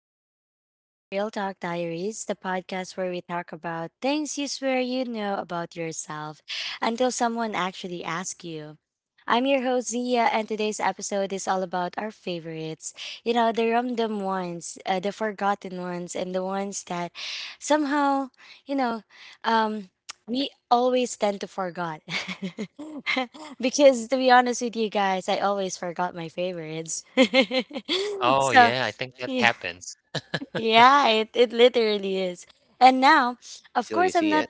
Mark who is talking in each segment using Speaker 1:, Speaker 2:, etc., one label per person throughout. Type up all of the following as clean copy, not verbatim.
Speaker 1: Welcome back to Real Talk Diaries, the podcast where we talk about things you swear you know about yourself until someone actually asks you. I'm your host, Zia, and today's episode is all about our favorites. You know, the random ones, the forgotten ones, and the ones that somehow, you know, um, we always tend to forgot because to be honest with you guys I always forgot my favorites.
Speaker 2: Oh,
Speaker 1: So
Speaker 2: yeah, I think that
Speaker 1: yeah,
Speaker 2: happens.
Speaker 1: yeah, it literally is. And now of
Speaker 3: Until you
Speaker 1: course I'm
Speaker 3: see
Speaker 1: not.
Speaker 3: it.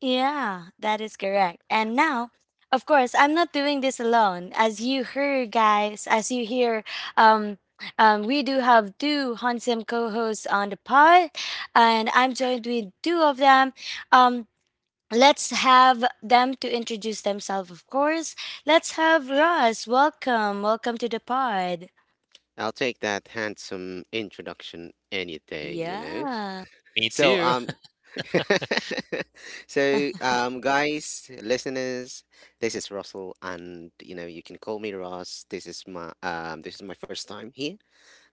Speaker 1: Yeah, that is correct. And now of course I'm not doing this alone. As you hear, guys, as you hear, um we do have two handsome co-hosts on the pod, and I'm joined with two of them. Um, Let's have them to introduce themselves, of course. Let's have Ross. Welcome. Welcome to the pod.
Speaker 3: I'll take that handsome introduction any day, you know.
Speaker 1: Yeah.
Speaker 2: Me
Speaker 3: So
Speaker 2: too.
Speaker 3: um so guys, listeners, this is Russell and you know, you can call me Ross. This is my first time here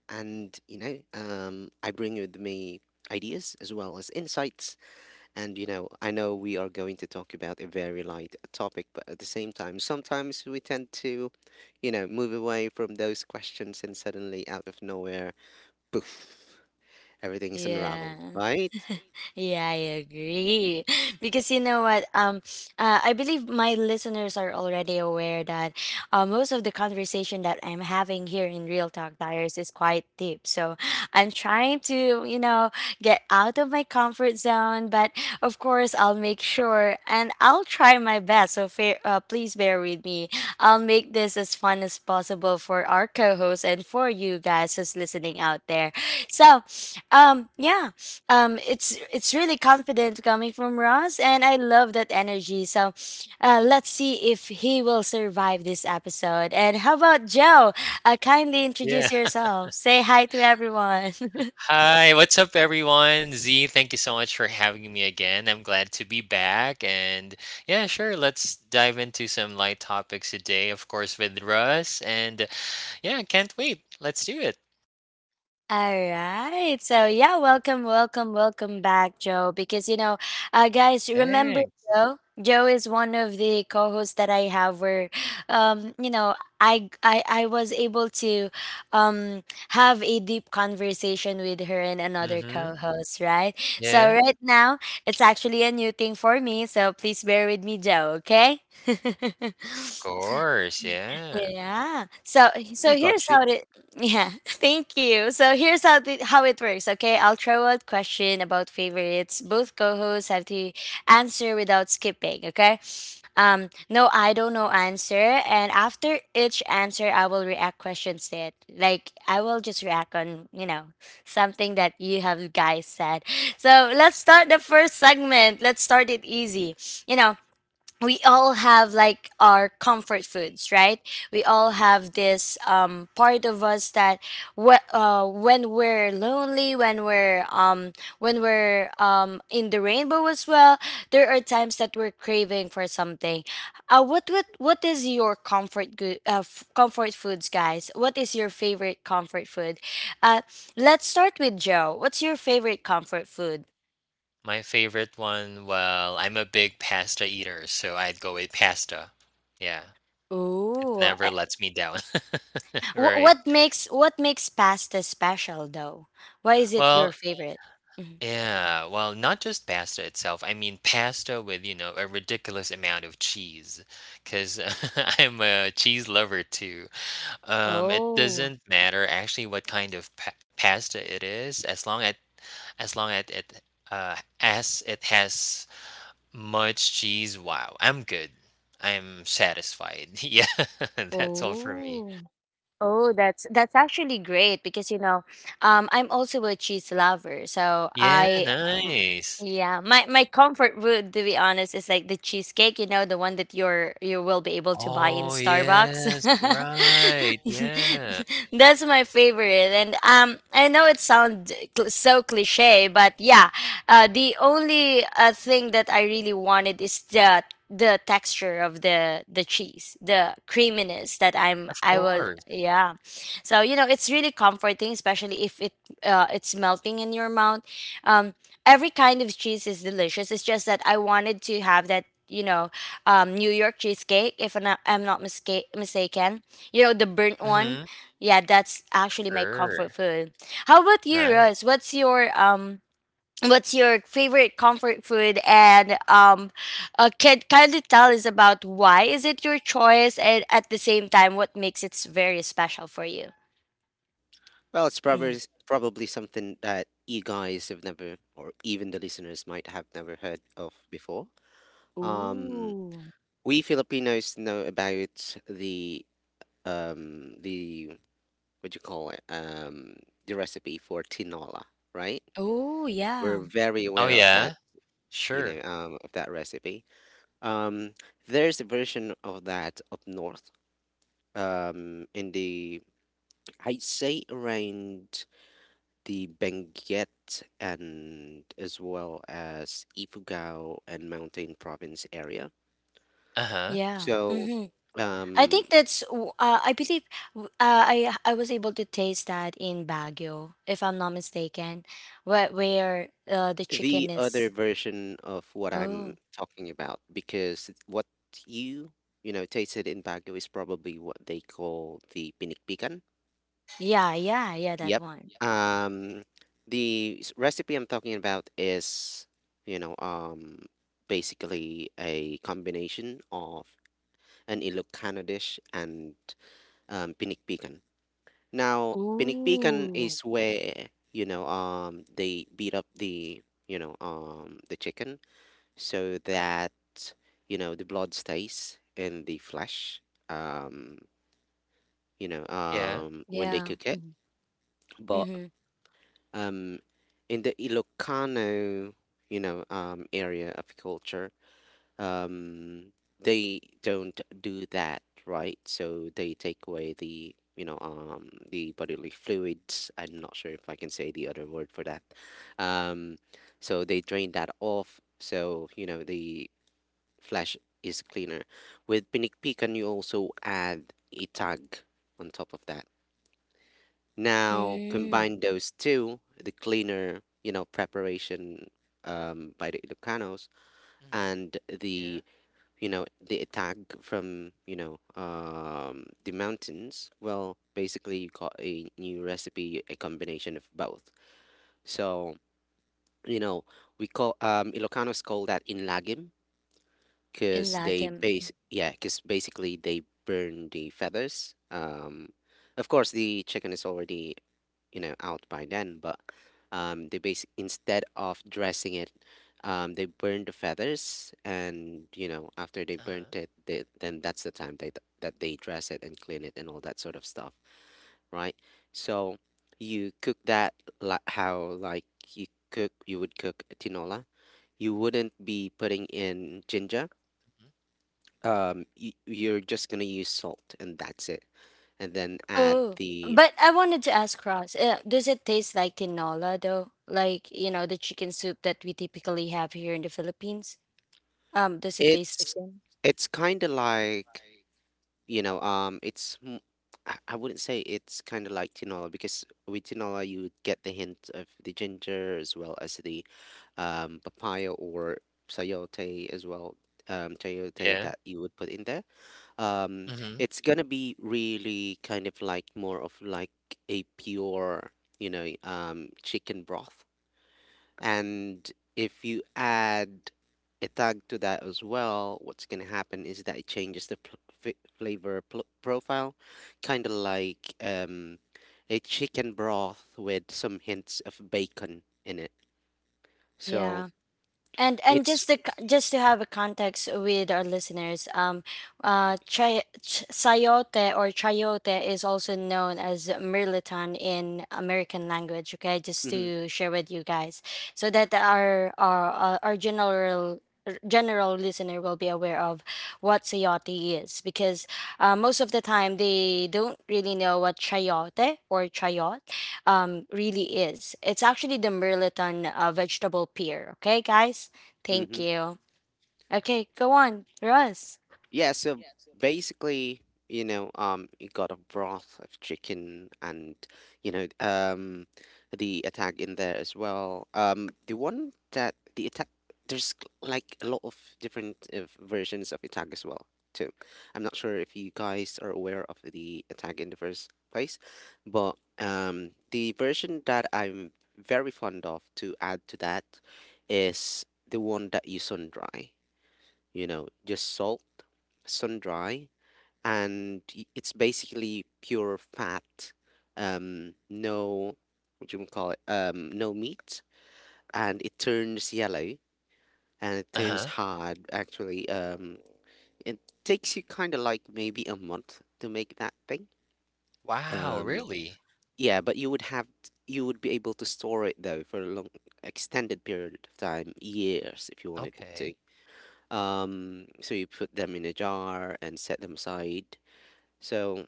Speaker 3: and you know, I bring with me ideas as well as insights. And you know, I know we are going to talk about a very light topic, but at the same time, sometimes we tend to, you know, move away from those questions and suddenly out of nowhere, poof, everything is unraveled,
Speaker 1: Yeah.
Speaker 3: right?
Speaker 1: Yeah, I agree. Because you know what? I believe my listeners are already aware that most of the conversation that I'm having here in Real Talk Diaries is quite deep. So I'm trying to, you know, get out of my comfort zone. But of course, I'll make sure and I'll try my best. So fair, please bear with me. I'll make this as fun as possible for our co hosts and for you guys who's listening out there. So, yeah, it's really confident coming from Ross and I love that energy. So let's see if he will survive this episode. And how about Joe? Kindly
Speaker 2: Yeah.
Speaker 1: introduce yourself. Say hi to everyone.
Speaker 2: Hi, what's up, everyone? Z, thank you so much for having me again. I'm glad to be back. And yeah, sure, let's dive into some light topics today, of course, with Russ. And yeah, can't wait. Let's do it.
Speaker 1: All right. So yeah, welcome, welcome, welcome back, Joe. Because you know, guys, remember
Speaker 2: Thanks.
Speaker 1: Joe? Joe is one of the co-hosts that I have. Where, you know, I was able to, um, have a deep conversation with her and another
Speaker 2: Mm-hmm.
Speaker 1: co-host. Right. So
Speaker 2: Yeah,
Speaker 1: right now, it's actually a new thing for me. So please bear with me, Joe. Okay.
Speaker 2: of course. Yeah.
Speaker 1: Yeah. So so
Speaker 3: We
Speaker 1: here's
Speaker 3: got you.
Speaker 1: how it yeah, thank you. So here's how it works, okay? I'll throw out question about favorites. Both co-hosts have to answer without skipping, okay? No I don't know answer and after each answer I will react questions to it. Like I will just react on, you know, something that you have guys said. So let's start the first segment. Let's start it
Speaker 2: Mhm.
Speaker 1: easy. You know, we all have like our comfort foods, right? We all have this part of us that when we're lonely, when we're in the rainbow as well, there are times that we're craving for something. What is your comfort good comfort foods, guys? What is your favorite comfort food? Uh, let's start with Joe. What's your favorite comfort food?
Speaker 2: My favorite one, well, I'm a big pasta eater, so I'd go with pasta. Yeah. It
Speaker 1: Ooh,
Speaker 2: never lets me down.
Speaker 1: Wh-
Speaker 2: Right.
Speaker 1: what makes what makes pasta special though? Why is it your
Speaker 2: Well,
Speaker 1: favorite? Mhm.
Speaker 2: yeah. Well, not just pasta itself. I mean, pasta with, you know, a ridiculous amount of cheese, because 'cause I'm a cheese lover too. It
Speaker 1: Oh,
Speaker 2: doesn't matter actually what kind of pa pasta it is, as long as it has much cheese. Wow, I'm good. I'm satisfied. Yeah, that's all for me.
Speaker 1: oh, oh! That's actually great because you know, I'm also a cheese lover, so
Speaker 2: Yeah,
Speaker 1: I. Um,
Speaker 2: nice.
Speaker 1: yeah, my comfort food, to be honest, is like the cheesecake. You know, the one that you will be able to buy in
Speaker 2: Oh,
Speaker 1: Starbucks.
Speaker 2: yes, right, yeah,
Speaker 1: That's my favorite, and I know it sounds so cliche, but yeah, the only thing that I really wanted is the texture of the cheese, the creaminess that
Speaker 2: of
Speaker 1: I was
Speaker 2: course.
Speaker 1: yeah. So you know it's really comforting, especially if it it's melting in your mouth. Um, every kind of cheese is delicious. It's just that I wanted to have that you know New York cheesecake, if I'm not mistaken. You know the burnt one.
Speaker 2: Mhm,
Speaker 1: Yeah, that's actually my comfort
Speaker 2: sure,
Speaker 1: food. How about you, Rose?
Speaker 2: nice.
Speaker 1: What's your favorite comfort food and can kindly tell us about why is it your choice and at the same time what makes it very special for you
Speaker 3: Well, it's
Speaker 1: mm.
Speaker 3: probably something that you guys have never, or even the listeners might have never heard of before. Um,
Speaker 1: Ooh.
Speaker 3: we Filipinos know about the what do you call it the recipe for tinola, right?
Speaker 1: Ooh,
Speaker 3: We're
Speaker 1: yeah.
Speaker 3: very
Speaker 2: Oh,
Speaker 3: aware of that,
Speaker 2: yeah,
Speaker 3: you know,
Speaker 2: sure,
Speaker 3: of that recipe. Um, there's a version of that up north, um, in the, I'd say around the Benguet and as well as Ifugao and Mountain Province area.
Speaker 2: uh-huh,
Speaker 1: Yeah,
Speaker 3: So,
Speaker 1: mm-hmm. I
Speaker 3: um,
Speaker 1: think that's I believe I was able to taste that in Baguio if I'm not mistaken where the chicken
Speaker 3: the other
Speaker 1: is.
Speaker 3: version of what I'm
Speaker 1: Oh,
Speaker 3: talking about, because what you, you know, tasted in Baguio is probably what they call the pinikpikan.
Speaker 1: yeah, yeah, yeah, that
Speaker 3: Yep.
Speaker 1: one.
Speaker 3: Um, the recipe I'm talking about is, you know, basically a combination of an Ilocano dish and pinikpikan. Now, pinikpikan
Speaker 1: Ooh.
Speaker 3: is where, you know, they beat up the, you know, the chicken so that, you know, the blood stays in the flesh, um,
Speaker 2: yeah,
Speaker 3: when they
Speaker 1: Yeah,
Speaker 3: cook it.
Speaker 1: mm-hmm.
Speaker 3: But
Speaker 1: Mm-hmm.
Speaker 3: um, in the Ilocano, you know, area of culture, um, they don't do that, right? So they take away the, you know, the bodily fluids. I'm not sure if I can say the other word for that. Um, so they drain that off. So, you know, the flesh is cleaner. With pinikpikan, you also add a tag on top of that. Now
Speaker 1: Mm,
Speaker 3: combine those two, the cleaner, you know, preparation by the Ilocanos
Speaker 2: mhm,
Speaker 3: and
Speaker 2: yeah,
Speaker 3: the, you know, the attack from, you know, the mountains. Well, basically you got a new recipe, a combination of both. So, you know, we call Ilocanos call that inlagim
Speaker 1: in
Speaker 3: because they
Speaker 1: Lagim.
Speaker 3: base, yeah, because basically they burn the feathers, of course the chicken is already you know out by then but they base, instead of dressing it, they burn the feathers and you know after they
Speaker 2: uh-huh,
Speaker 3: burnt it, then that's the time they that they dress it and clean it and all that sort of stuff, right? So you cook that like how, you would cook tinola. You wouldn't be putting in ginger,
Speaker 2: mhm,
Speaker 3: you're just gonna use salt and that's it, and then add
Speaker 1: Oh,
Speaker 3: the
Speaker 1: but I wanted to ask Ross, does it taste like tinola though? Like, you know, the chicken soup that we typically have here in the Philippines? Does it taste the
Speaker 3: it's
Speaker 1: same?
Speaker 3: it's kind of like, you know, I wouldn't say it's kind of like tinola because with tinola you would get the hint of the ginger as well as the papaya or sayote as well, chayote
Speaker 2: yeah,
Speaker 3: that you would put in there. Um,
Speaker 2: mhm,
Speaker 3: it's gonna be really kind of like more of like a pure, you know, chicken broth. And if you add a tag to that as well, what's going to happen is that it changes the flavor profile, kind of like a chicken broth with some hints of bacon in it. So
Speaker 1: Yeah. And
Speaker 3: it's.
Speaker 1: just to just to have a context with our listeners, sayote or chayote is also known as mirliton in American language, okay, just
Speaker 3: mhm,
Speaker 1: to share with you guys, so that our general listener will be aware of what sayote is. Because most of the time they don't really know what chayote or chayot really is. It's actually the Merliton vegetable pear. Okay, guys. Thank
Speaker 3: mhm.
Speaker 1: you. Okay, go on, Russ.
Speaker 3: Yeah, so basically, you know, you got a broth of chicken and, you know, the attack in there as well. The one that the attack, there's like a lot of different versions of attack as well, too. I'm not sure if you guys are aware of the attack in the first place, but the version that I'm very fond of to add to that is the one that you sun dry, you know, just salt, sun dry, and it's basically pure fat. No, what do you call it? No meat, and it turns yellow and it turns
Speaker 2: uh-huh.
Speaker 3: hard. Actually, it takes you kind of like maybe a month to make that thing.
Speaker 2: Wow,
Speaker 3: Um,
Speaker 2: really?
Speaker 3: yeah, but you would be able to store it though for a long extended period of time, years if you wanted it to.
Speaker 2: Okay.
Speaker 3: So you put them in a jar and set them aside. So,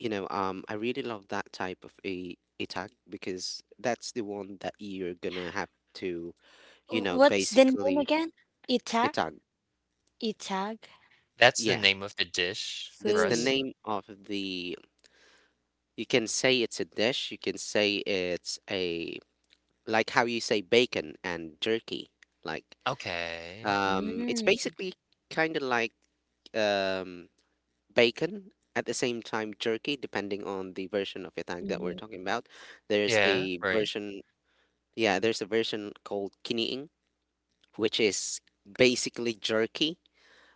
Speaker 3: you know, I really love that type of a attack because that's the one that you're gonna have to, you
Speaker 1: W-
Speaker 3: know,
Speaker 1: What's the name
Speaker 3: basically
Speaker 1: again? Itag.
Speaker 3: attack.
Speaker 1: Itag
Speaker 2: That's the
Speaker 3: Yeah,
Speaker 2: name of the dish,
Speaker 3: that's the
Speaker 2: Russ?
Speaker 1: food.
Speaker 3: name of the. You can say it's a dish. You can say it's a like how you say bacon and jerky. Like,
Speaker 2: Okay,
Speaker 3: it's
Speaker 1: Mm-hmm.
Speaker 3: basically kind of like um bacon, at the same time jerky, depending on the version of itang that we're talking about. There's
Speaker 2: yeah,
Speaker 3: a
Speaker 2: right,
Speaker 3: version, yeah, there's a version called kiniing, which is basically jerky,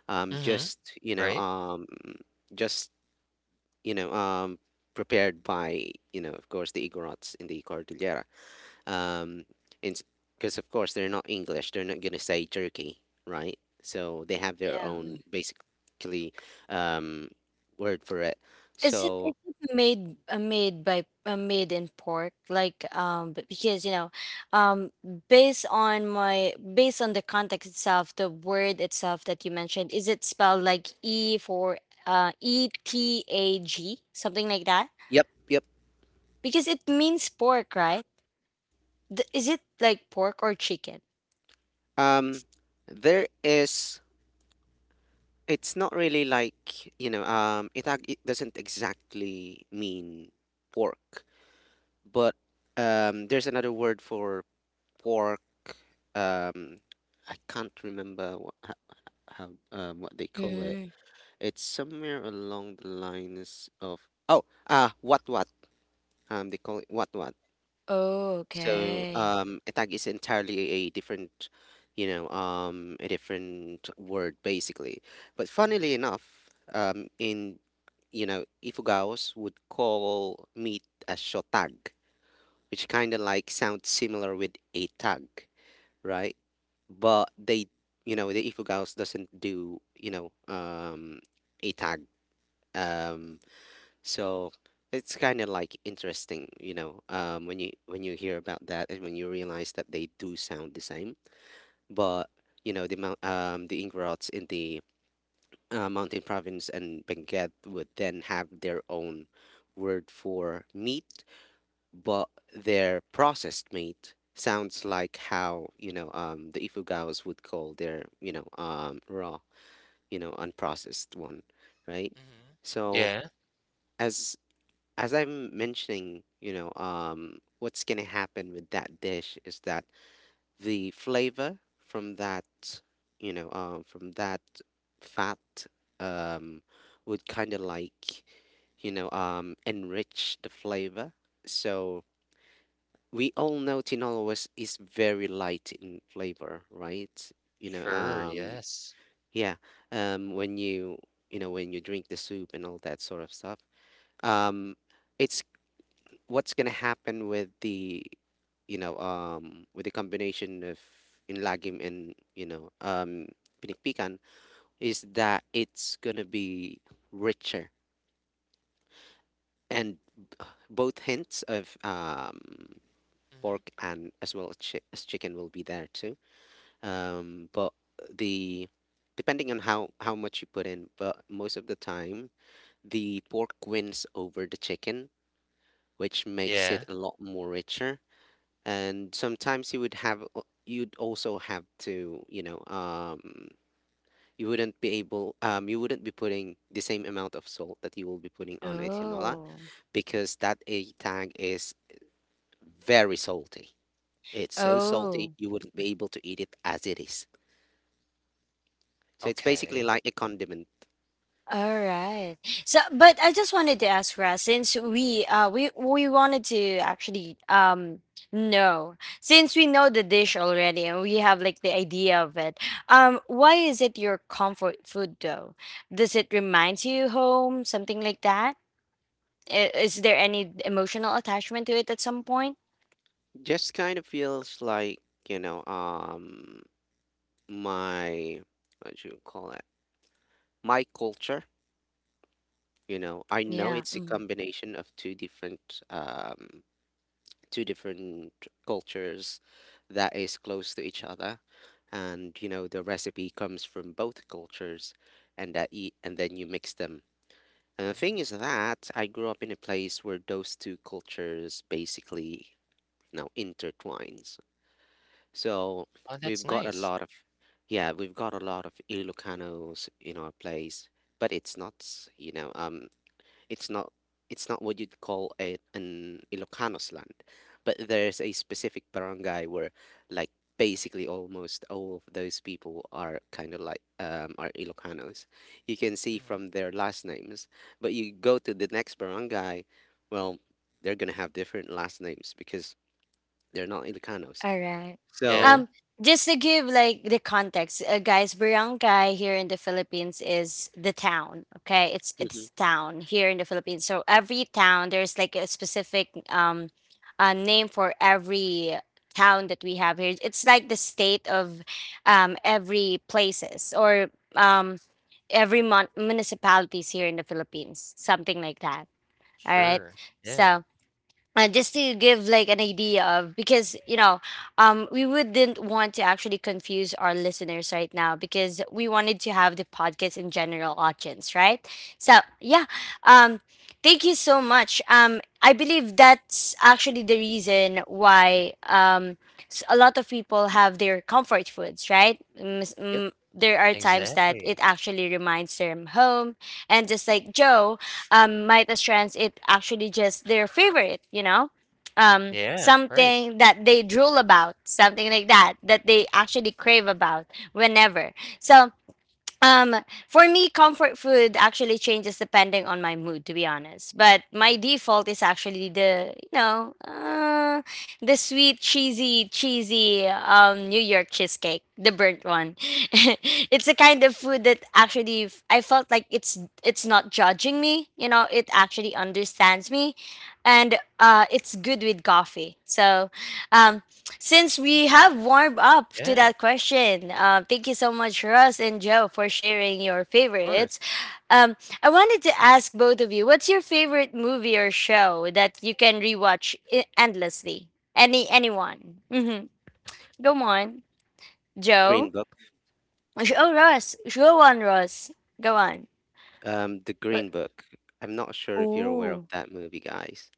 Speaker 2: mhm,
Speaker 3: just you know
Speaker 2: right,
Speaker 3: just you know, prepared by, you know, of course the Igorots in the Cordillera, um because of course they're not English, they're not gonna say jerky, right? So they have their
Speaker 1: Yeah.
Speaker 3: own basically um word for it.
Speaker 1: Is it
Speaker 3: So
Speaker 1: made made by made in pork? Like because you know, um based on my based on the context itself, the word itself that you mentioned, is it spelled like E for ETAG, something like that?
Speaker 3: yep, yep.
Speaker 1: Because it means pork, right? Is it like pork or chicken?
Speaker 3: Um, there is. It's not really like, you know. It doesn't exactly mean pork, but there's another word for pork. Um, I can't remember what how what they call it.
Speaker 1: Mm.
Speaker 3: It's somewhere along the lines of oh ah what they call it what.
Speaker 1: Oh,
Speaker 3: So
Speaker 1: okay.
Speaker 3: a tag is entirely a different, you know, a different word basically. But funnily
Speaker 2: mhm,
Speaker 3: enough, in you know, Ifugaos would call meat a shotag, which kind of like sounds similar with a tag, right? But they, you know, the Ifugaos doesn't do, you know, a tag. Um, so it's kind of like interesting, you know, when you hear about that and when you realize that they do sound the same, but you know the Ingrats in the Mountain Province and Benguet would then have their own word for meat, but their processed meat sounds like how, you know, the Ifugaos would call their, you know, raw, you know, unprocessed one, right?
Speaker 2: mhm,
Speaker 3: So
Speaker 2: yeah,
Speaker 3: as I'm mentioning, you know, what's gonna happen with that dish is that the flavor from that, you know, from that fat, um, would kind of like, you know, enrich the flavor. So we all know tinolo was is very light in flavor, right? You know,
Speaker 2: sure, yes,
Speaker 3: yeah, when you know, when you drink the soup and all that sort of stuff, um, it's what's gonna happen with the, you know, with the combination of Inlagim and, you know, Pinikpikan, is that it's gonna be richer, and both hints of
Speaker 2: mhm,
Speaker 3: pork and as well as as chicken will be there too. But the Depending on how much you put in, but most of the time the pork wins over the chicken, which makes it
Speaker 2: yeah,
Speaker 3: a lot more richer. And sometimes you'd also have to, you know, you wouldn't be putting the same amount of salt that you will be putting on a tinola,
Speaker 1: Oh.
Speaker 3: because that a tag is very salty. It's so
Speaker 2: mm,
Speaker 3: salty
Speaker 1: Oh.
Speaker 3: you wouldn't be able to eat it as it is. So it's basically
Speaker 2: okay,
Speaker 3: like a condiment.
Speaker 1: All right. So, but I just wanted to ask Ra, since we wanted to actually know, since we know the dish already and we have like the idea of it, why is it your comfort food though? Does it remind you home, something like that? I- Is there any emotional attachment to it at some point?
Speaker 3: Just kind of feels like, you know, my, what do you call it, my culture. You know, I know
Speaker 1: Yeah.
Speaker 3: it's a combination of two different two different cultures that is close to each other, and you know the recipe comes from both cultures, and that eat and then you mix them. And the
Speaker 2: mhm.
Speaker 3: thing is that I grew up in a place where those two cultures basically, you know, intertwines. So
Speaker 2: Oh, that's
Speaker 3: we've got a
Speaker 2: nice.
Speaker 3: lot of yeah, we've got a lot of Ilocanos in our place, but it's not you know, it's not it's not what you'd call a, an Ilocanos land, but there's a specific barangay where, like, basically almost all of those people are kind of like are Ilocanos. You can see
Speaker 2: Mhm.
Speaker 3: from their last names, but you go to the next barangay, well, they're gonna have different last names because they're not Ilocanos.
Speaker 1: All right.
Speaker 2: Yeah,
Speaker 3: So,
Speaker 1: Um, just to give like the context, guys, barangay here in the Philippines is the town. Okay,
Speaker 3: mhm,
Speaker 1: it's town here in the Philippines. So every town there's like a specific name for every town that we have here. It's like the state of every places or um every municipalities here in the Philippines, something like that. All right.
Speaker 2: sure. Yeah,
Speaker 1: So just to give like an idea of, because you know we wouldn't want to actually confuse our listeners right now because we wanted to have the podcast in general audience, right? So yeah, um, thank you so much. I believe that's actually the reason why, a lot of people have their comfort foods, right?
Speaker 3: mhm, yep,
Speaker 1: There are times that
Speaker 2: exactly.
Speaker 1: it actually reminds them home. And just like Joe, might as trends it actually just their favorite, you know,
Speaker 2: Yeah, right.
Speaker 1: something that they drool about, something like that that they actually crave about whenever. So um, for me, comfort food actually changes depending on my mood, to be honest. But my default is actually the, you know, the sweet, cheesy, cheesy New York cheesecake, the burnt one. It's a kind of food that actually I felt like it's not judging me. You know, it actually understands me, and it's good with coffee. So, um, since we have warmed up to
Speaker 2: Yeah,
Speaker 1: that question, thank you so much, Russ and Joe, for sharing your
Speaker 2: of course.
Speaker 1: favorites. I wanted to ask both of you, what's your favorite movie or show that you can rewatch endlessly? Any anyone? Mm-hmm. Go on,
Speaker 3: Green
Speaker 1: Joe.
Speaker 3: Book.
Speaker 1: Oh, Russ. Go on, Russ. Go on.
Speaker 3: The
Speaker 1: Uh,
Speaker 3: Green Book. I'm not sure if you're aware of
Speaker 1: Oh,
Speaker 3: that movie, guys.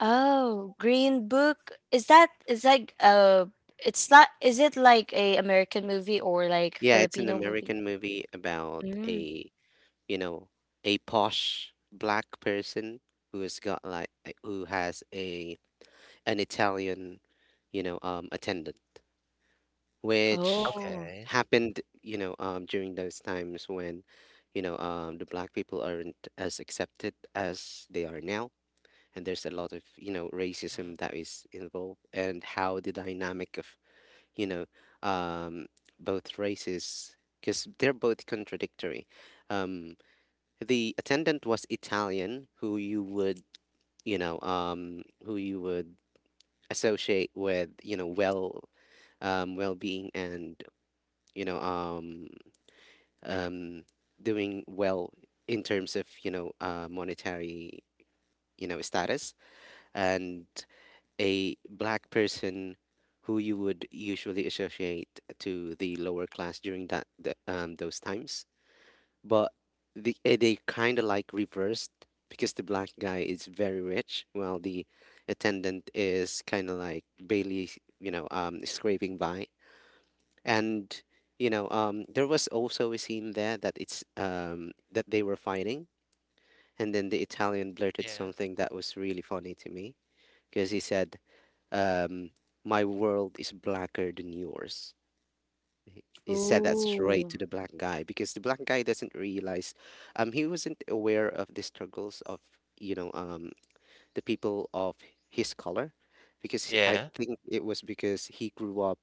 Speaker 1: oh, Green Book. Is that is like it's not. Is it like a American movie or like
Speaker 3: Yeah, it's an
Speaker 1: Filipino movie?
Speaker 3: American movie about a, you know, a posh black person who's got who has a an Italian, you know, attendant, which
Speaker 1: Oh,
Speaker 2: Okay.
Speaker 3: happened, you know, during those times when, you know, the black people aren't as accepted as they are now, and there's a lot of, you know,
Speaker 2: Mhm.
Speaker 3: racism that is involved and how the dynamic of, you know, um, both races, because they're both contradictory. Um, the attendant was Italian, who you would, who you would associate with, well-being and, you know, um, um, doing well in terms of, monetary, you know, status. And a black person who you would usually associate to the lower class during those times, but they kind of like reversed because the black guy is very rich while the attendant is kind of like barely, scraping by. And there was also a scene there that it's that they were fighting, and then the Italian blurted
Speaker 2: Yeah.
Speaker 3: something that was really funny to me because he said, um, my world is blacker than yours. He said that straight
Speaker 1: ooh,
Speaker 3: to the black guy because the black guy doesn't realize, he wasn't aware of the struggles of, you know, um, the people of his color, because I
Speaker 2: Yeah.
Speaker 3: think it was because he grew up,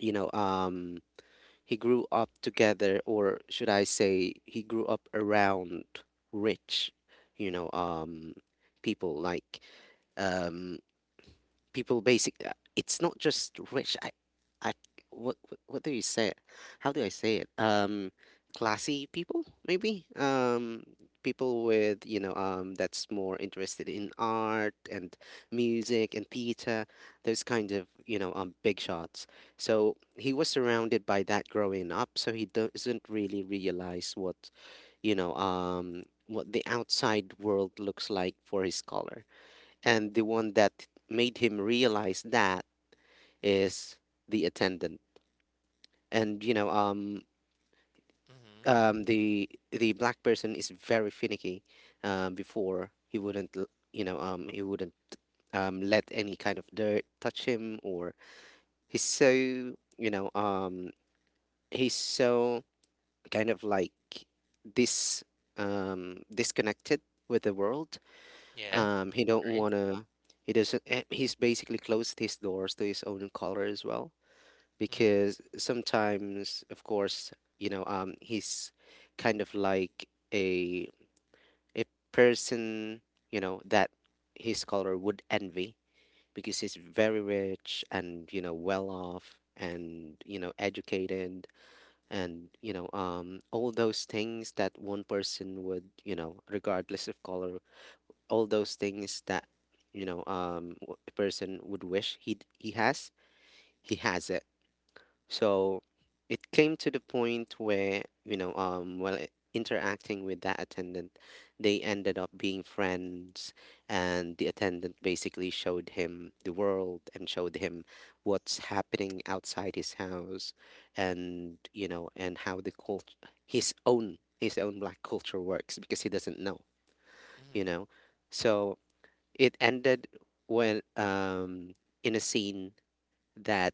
Speaker 3: you know, um, he grew up together, or should I say, he grew up around rich, you know, um, people like, um, people basic it's not just rich I What what do you say it how do I say it Classy people, maybe. People with, that's more interested in art and music and theater, those kind of, big shots. So he was surrounded by that growing up, so he doesn't really realize what, what the outside world looks like for his scholar. And the one that made him realize that is the attendant. And
Speaker 2: Mhm.
Speaker 3: the black person is very finicky. Before he wouldn't l- he wouldn't let any kind of dirt touch him, or he's so, you know um he's so kind of like this, disconnected with the world.
Speaker 2: Yeah,
Speaker 3: He don't
Speaker 2: right.
Speaker 3: want to, he doesn't eh, he's basically closed his doors to his own color as well.
Speaker 2: Mhm.
Speaker 3: Because sometimes, of course, he's kind of like a a person, you know, that his scholar would envy, because he's very rich and, you know, well off and, you know, educated, and, all those things that one person would, you know, regardless of color, all those things that, a person would wish he has, he has it. So it came to the point where, while interacting with that attendant, they ended up being friends, and the attendant basically showed him the world and showed him what's happening outside his house, and you know, and how his own black culture works, because he doesn't know, you
Speaker 2: Mhm.
Speaker 3: know. So it ended when, in a scene that,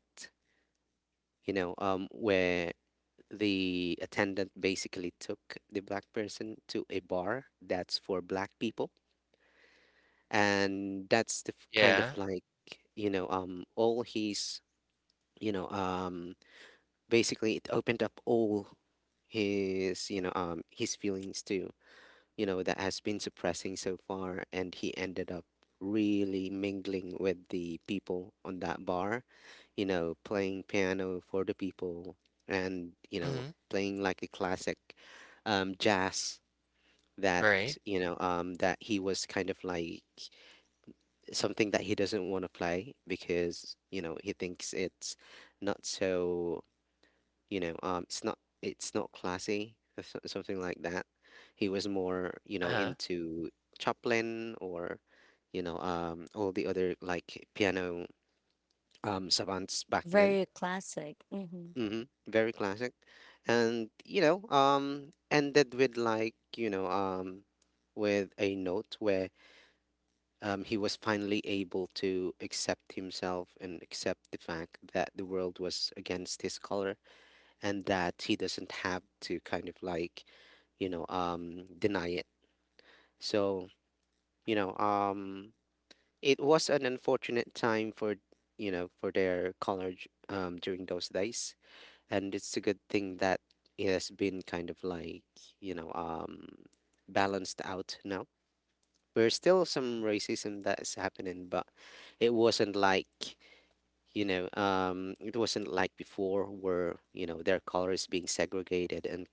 Speaker 3: where the attendant basically took the black person to a bar that's for black people, and kind of
Speaker 2: Yeah.
Speaker 3: like, all his, you know um basically it opened up all his, his feelings to, you know, that has been suppressing so far. And he ended up really mingling with the people on that bar, you know, playing piano for the people and, you know,
Speaker 2: Mhm.
Speaker 3: playing like a classic, jazz, that,
Speaker 2: Right.
Speaker 3: that he was kind of like, something that he doesn't want to play because, you know, he thinks it's not so, it's not classy or something like that. He was more, you know,
Speaker 2: Uh-huh.
Speaker 3: into Chaplin or, all the other like piano savants back then.
Speaker 1: very classic. Mhm.
Speaker 3: Very classic. And, ended with like, with a note where he was finally able to accept himself and accept the fact that the world was against his color, and that he doesn't have to kind of like, deny it. So, you know, um, it was an unfortunate time for, you know, for their college, during those days. And it's a good thing that it has been kind of like, you know, um, balanced out now. There's still
Speaker 2: Mhm.
Speaker 3: some racism that is happening, but it wasn't like, it wasn't like before where, you know, their color is being segregated and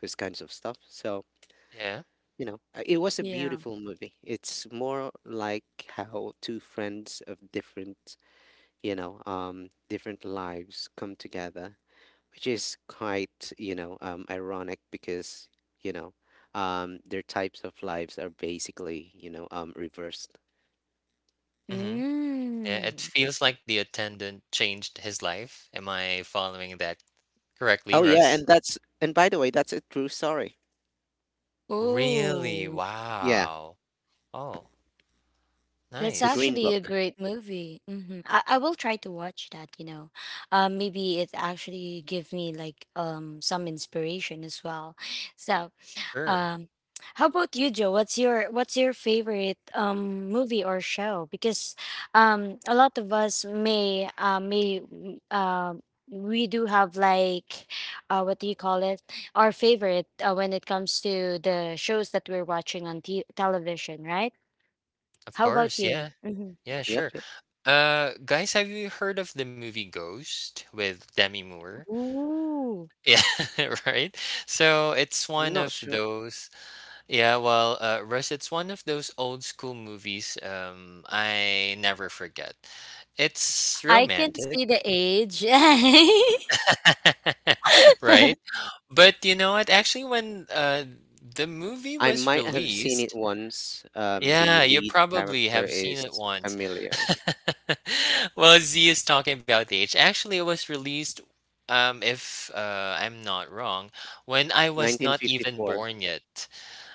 Speaker 3: those kinds of stuff. So,
Speaker 2: Yeah.
Speaker 3: it was a
Speaker 1: Yeah.
Speaker 3: beautiful movie. It's more like how two friends of different, different lives come together, which is quite, ironic because, you know their types of lives are basically, reversed.
Speaker 2: Mhm. Yeah, it
Speaker 1: Mm.
Speaker 2: feels like the attendant changed his life. Am I following that correctly,
Speaker 3: Oh yeah,
Speaker 2: Russ?
Speaker 3: and that's, and by the way, that's a true story.
Speaker 2: Really?
Speaker 1: Ooh,
Speaker 3: Yeah.
Speaker 2: Wow. Oh,
Speaker 1: that's
Speaker 3: The
Speaker 2: nice.
Speaker 3: Green
Speaker 1: actually a
Speaker 3: Book.
Speaker 1: great movie. Hmm. I will try to watch that, you know. Maybe it actually give me like some inspiration as well. So
Speaker 2: Sure.
Speaker 1: Um, how about you, Joe? What's your favorite movie or show? Because a lot of us may we do have like what do you call it? Our favorite when it comes to the shows that we're watching on television, right?
Speaker 2: Of
Speaker 1: How about
Speaker 2: course.
Speaker 1: you?
Speaker 2: Yeah.
Speaker 1: Hmm.
Speaker 2: Yeah,
Speaker 3: Yep.
Speaker 2: sure. Guys, have you heard of the movie Ghost with Demi Moore?
Speaker 1: Ooh,
Speaker 2: Yeah, right. So it's one
Speaker 3: Not
Speaker 2: of
Speaker 3: sure.
Speaker 2: those. Yeah, well, Russ, it's one of those old school movies. I never forget. It's
Speaker 1: I can see
Speaker 2: romantic,
Speaker 1: the age.
Speaker 2: right? But you know what? Actually, when the movie
Speaker 3: I
Speaker 2: was
Speaker 3: might have seen
Speaker 2: released,
Speaker 3: it once. The
Speaker 2: yeah, you
Speaker 3: lead
Speaker 2: probably
Speaker 3: character
Speaker 2: have seen
Speaker 3: is
Speaker 2: it once.
Speaker 3: familiar.
Speaker 2: Well, Z is talking about the age. Actually, it was released, if I'm not wrong, when I was not even
Speaker 3: 1954.
Speaker 2: born yet.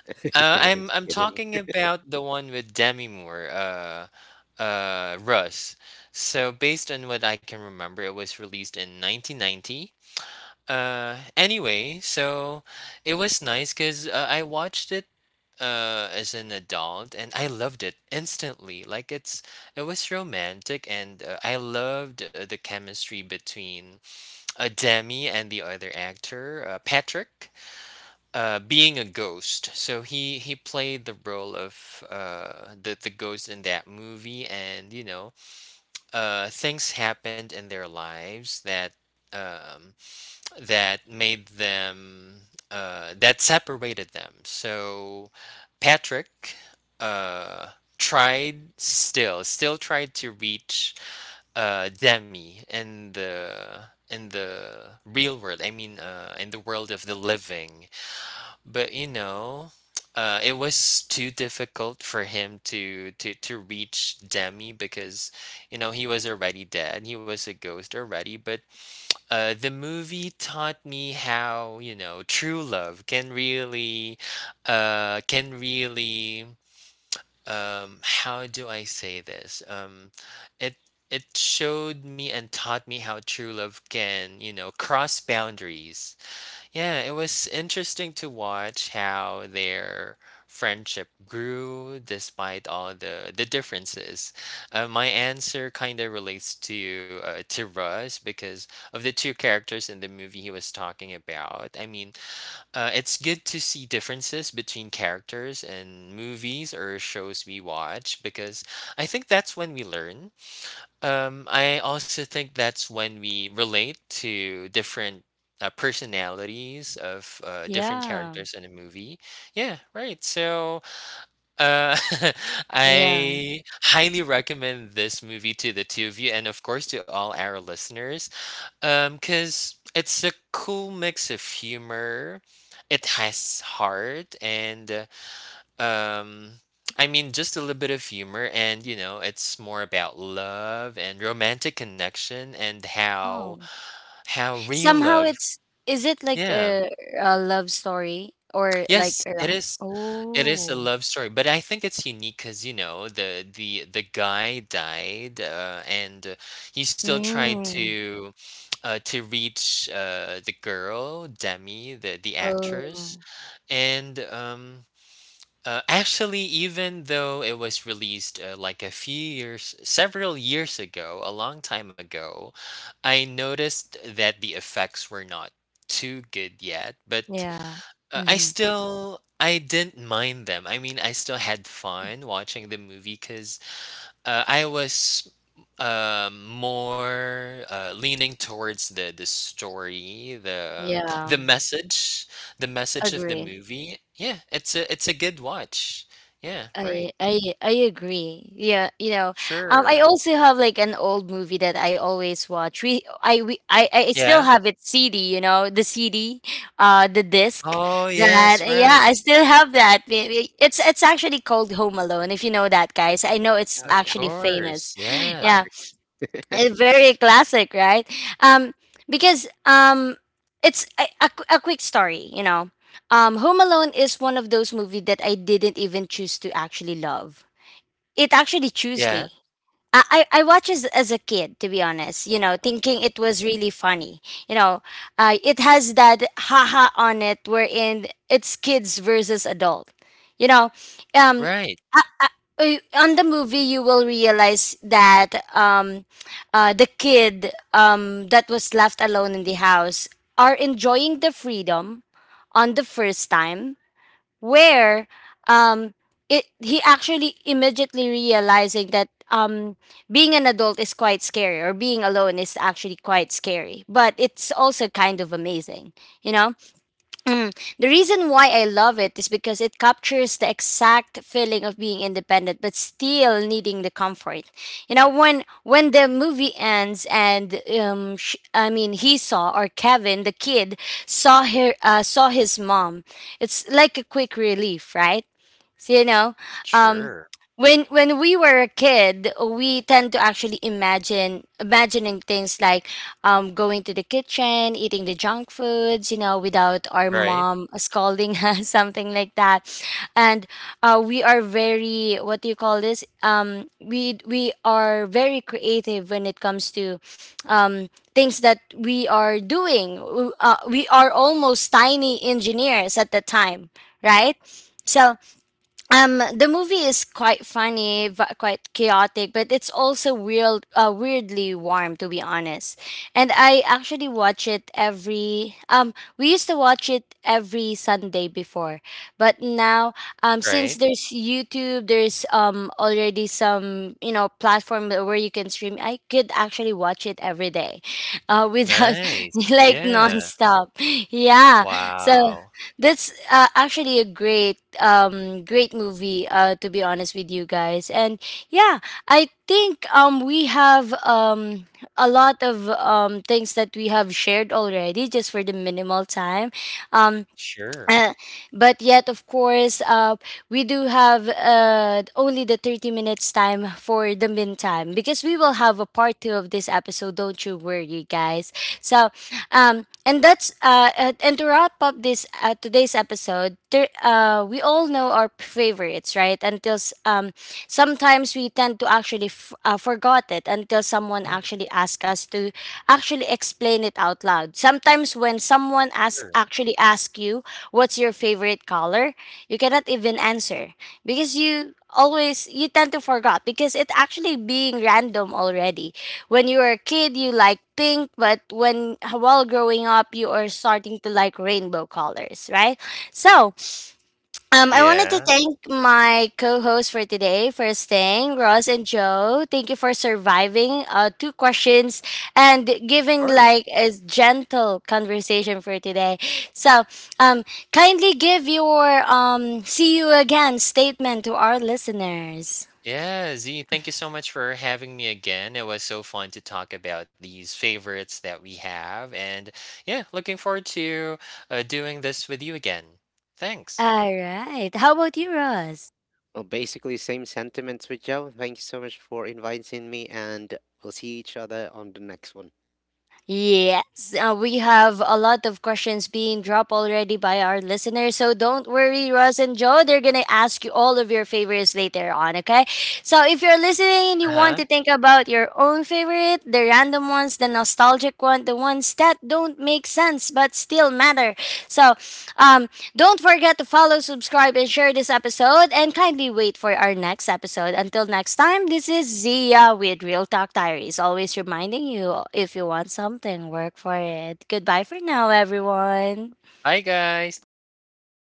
Speaker 3: Just
Speaker 2: I'm
Speaker 3: kidding.
Speaker 2: talking about the one with Demi Moore, Russ. So based on what I can remember, it was released in 1990. Anyway, so it was nice because I watched it as an adult and I loved it instantly. Like it was romantic and I loved the chemistry between Demi and the other actor, Patrick, being a ghost. So he played the role of the ghost in that movie and you know, things happened in their lives that um that made them that separated them. So Patrick uh, tried still tried to reach Demi in the real world. I mean, in the world of the living. But you know. It was too difficult for him to reach Demi because you know he was already dead he was a ghost already but the movie taught me how, you know, true love can can really, how do I say this? It it showed me and taught me how true love can, you know, cross boundaries. Yeah, it was interesting to watch how their friendship grew despite all the differences. My answer kind of relates to Russ because of the two characters in the movie he was talking about. I mean, it's good to see differences between characters in movies or shows we watch because I think that's when we learn. I also think that's when we relate to different personalities of different
Speaker 1: Yeah.
Speaker 2: characters in a movie. Yeah, right. So uh,
Speaker 1: Yeah.
Speaker 2: I highly recommend this movie to the two of you, and of course to all our listeners, because it's a cool mix of humor. It has heart and um, I mean, just a little bit of humor, and you know, it's more about love and romantic connection and
Speaker 1: Oh.
Speaker 2: how real
Speaker 1: Somehow
Speaker 2: love.
Speaker 1: it's is it like
Speaker 2: Yeah.
Speaker 1: a love story or like
Speaker 2: Yes,
Speaker 1: a
Speaker 2: it is. It is a
Speaker 1: oh
Speaker 2: love story, but I think it's unique because you know the guy died, and he still tried
Speaker 1: mm,
Speaker 2: to reach the girl Demi, the actress,
Speaker 1: oh
Speaker 2: and actually, even though it was released like several years ago, a long time ago, I noticed that the effects were not too good yet, but
Speaker 1: yeah
Speaker 2: I
Speaker 1: mm-hmm.
Speaker 2: still I didn't mind them. I mean, I still had fun watching the movie cuz I was more leaning towards the story, the
Speaker 1: Yeah,
Speaker 2: message, the message of the
Speaker 1: agree.
Speaker 2: movie. Yeah, it's a good watch. Yeah, right.
Speaker 1: I agree. Yeah, you know, I
Speaker 2: Sure.
Speaker 1: also have like an old movie that I always watch. We I still
Speaker 2: Yeah.
Speaker 1: have it CD. You know, the CD, the disc.
Speaker 2: Oh
Speaker 1: That
Speaker 2: yes,
Speaker 1: yeah,
Speaker 2: right.
Speaker 1: I still have that. It's actually called Home Alone. If you know that, guys, I know it's
Speaker 3: Oh
Speaker 2: Of
Speaker 3: yeah,
Speaker 1: actually famous.
Speaker 2: course. Yeah.
Speaker 1: Yeah,
Speaker 3: classic.
Speaker 1: very classic, right? Um because um it's a quick story, you know. Home Alone is one of those movies that I didn't even choose to actually love. It actually chose me.
Speaker 2: Yeah.
Speaker 1: I watched as a kid, to be honest, you know, thinking
Speaker 2: Mhm.
Speaker 1: it was really funny. you know it has that haha on it, wherein it's kids versus adult, you know um
Speaker 2: Right.
Speaker 1: on the movie. You will realize that the kid that was left alone in the house are enjoying the freedom on the first time, where um it he actually immediately realizing that being an adult is quite scary, or being alone is actually quite scary, but it's also kind of amazing, you know. Mm. The reason why I love it is because it captures the exact feeling of being independent but still needing the comfort. You know, when the movie ends and I mean he saw, or Kevin the kid saw her, saw his mom. It's like a quick relief, right? So, you know, um,
Speaker 2: Sure.
Speaker 1: when we were a kid, we tend to actually imagine imagining things like, going to the kitchen, eating the junk foods, you know, without our
Speaker 2: Right.
Speaker 1: mom scolding us, something like that. And we are very, what do you call this? We are very creative when it comes to, things that we are doing. We are almost tiny engineers at the time, right? So the movie is quite funny, quite chaotic, but it's also real, weirdly warm, to be honest. And I actually watch it every We used to watch it every Sunday before, but now, since
Speaker 2: Right.
Speaker 1: there's YouTube, there's already some, you know, platform where you can stream, I could actually watch it every day, without
Speaker 2: Nice.
Speaker 1: like
Speaker 2: Yeah.
Speaker 1: nonstop. Yeah. So
Speaker 2: Wow.
Speaker 1: that's actually a great great movie, to be honest with you guys. And yeah, I think we have a lot of things that we have shared already, just for the minimal time. Um
Speaker 2: Sure.
Speaker 1: uh, but yet, of course, we do have only the 30 minutes time for the meantime, because we will have a part 2 of this episode. Don't you worry, guys. So, and to wrap up this today's episode, there, we all know our favorites, right? Until sometimes we tend to actually forgot it until someone
Speaker 2: Mhm.
Speaker 1: actually asks us to actually explain it out loud. Sometimes when someone asks
Speaker 2: Sure.
Speaker 1: actually ask you, what's your favorite color? You cannot even answer, because you tend to forget, because it actually being random already. When you were a kid, you like pink, but when while growing up, you are starting to like rainbow colors, right? So I wanted to
Speaker 2: Yeah. Of
Speaker 1: thank my co-host for today for staying, Ross and Joe. Thank you for surviving two questions and giving
Speaker 2: course.
Speaker 1: like a gentle conversation for today. So, um, kindly give your see you again statement to our listeners.
Speaker 2: Yeah, Z, thank you so much for having me again. It was so fun to talk about these favorites that we have. And yeah, looking forward to doing this with you again. Thanks.
Speaker 1: All right. How about you, Ross?
Speaker 3: Well, basically same sentiments with Joe. Thank you so much for inviting me, and we'll see each other on the next one.
Speaker 1: Yes, we have a lot of questions being dropped already by our listeners. So don't worry, Ross and Joe. They're going to ask you all of your favorites later on, okay? So if you're listening and
Speaker 2: Uh
Speaker 1: you want
Speaker 2: huh.
Speaker 1: to think about your own favorite, the random ones, the nostalgic one, the ones that don't make sense but still matter. So um, don't forget to follow, subscribe, and share this episode. And kindly wait for our next episode. Until next time, this is Zia with Real Talk Diaries, always reminding you, if you want something, work for it. Goodbye for now, everyone.
Speaker 2: Bye, guys.
Speaker 3: Bye bye.
Speaker 2: Thanks.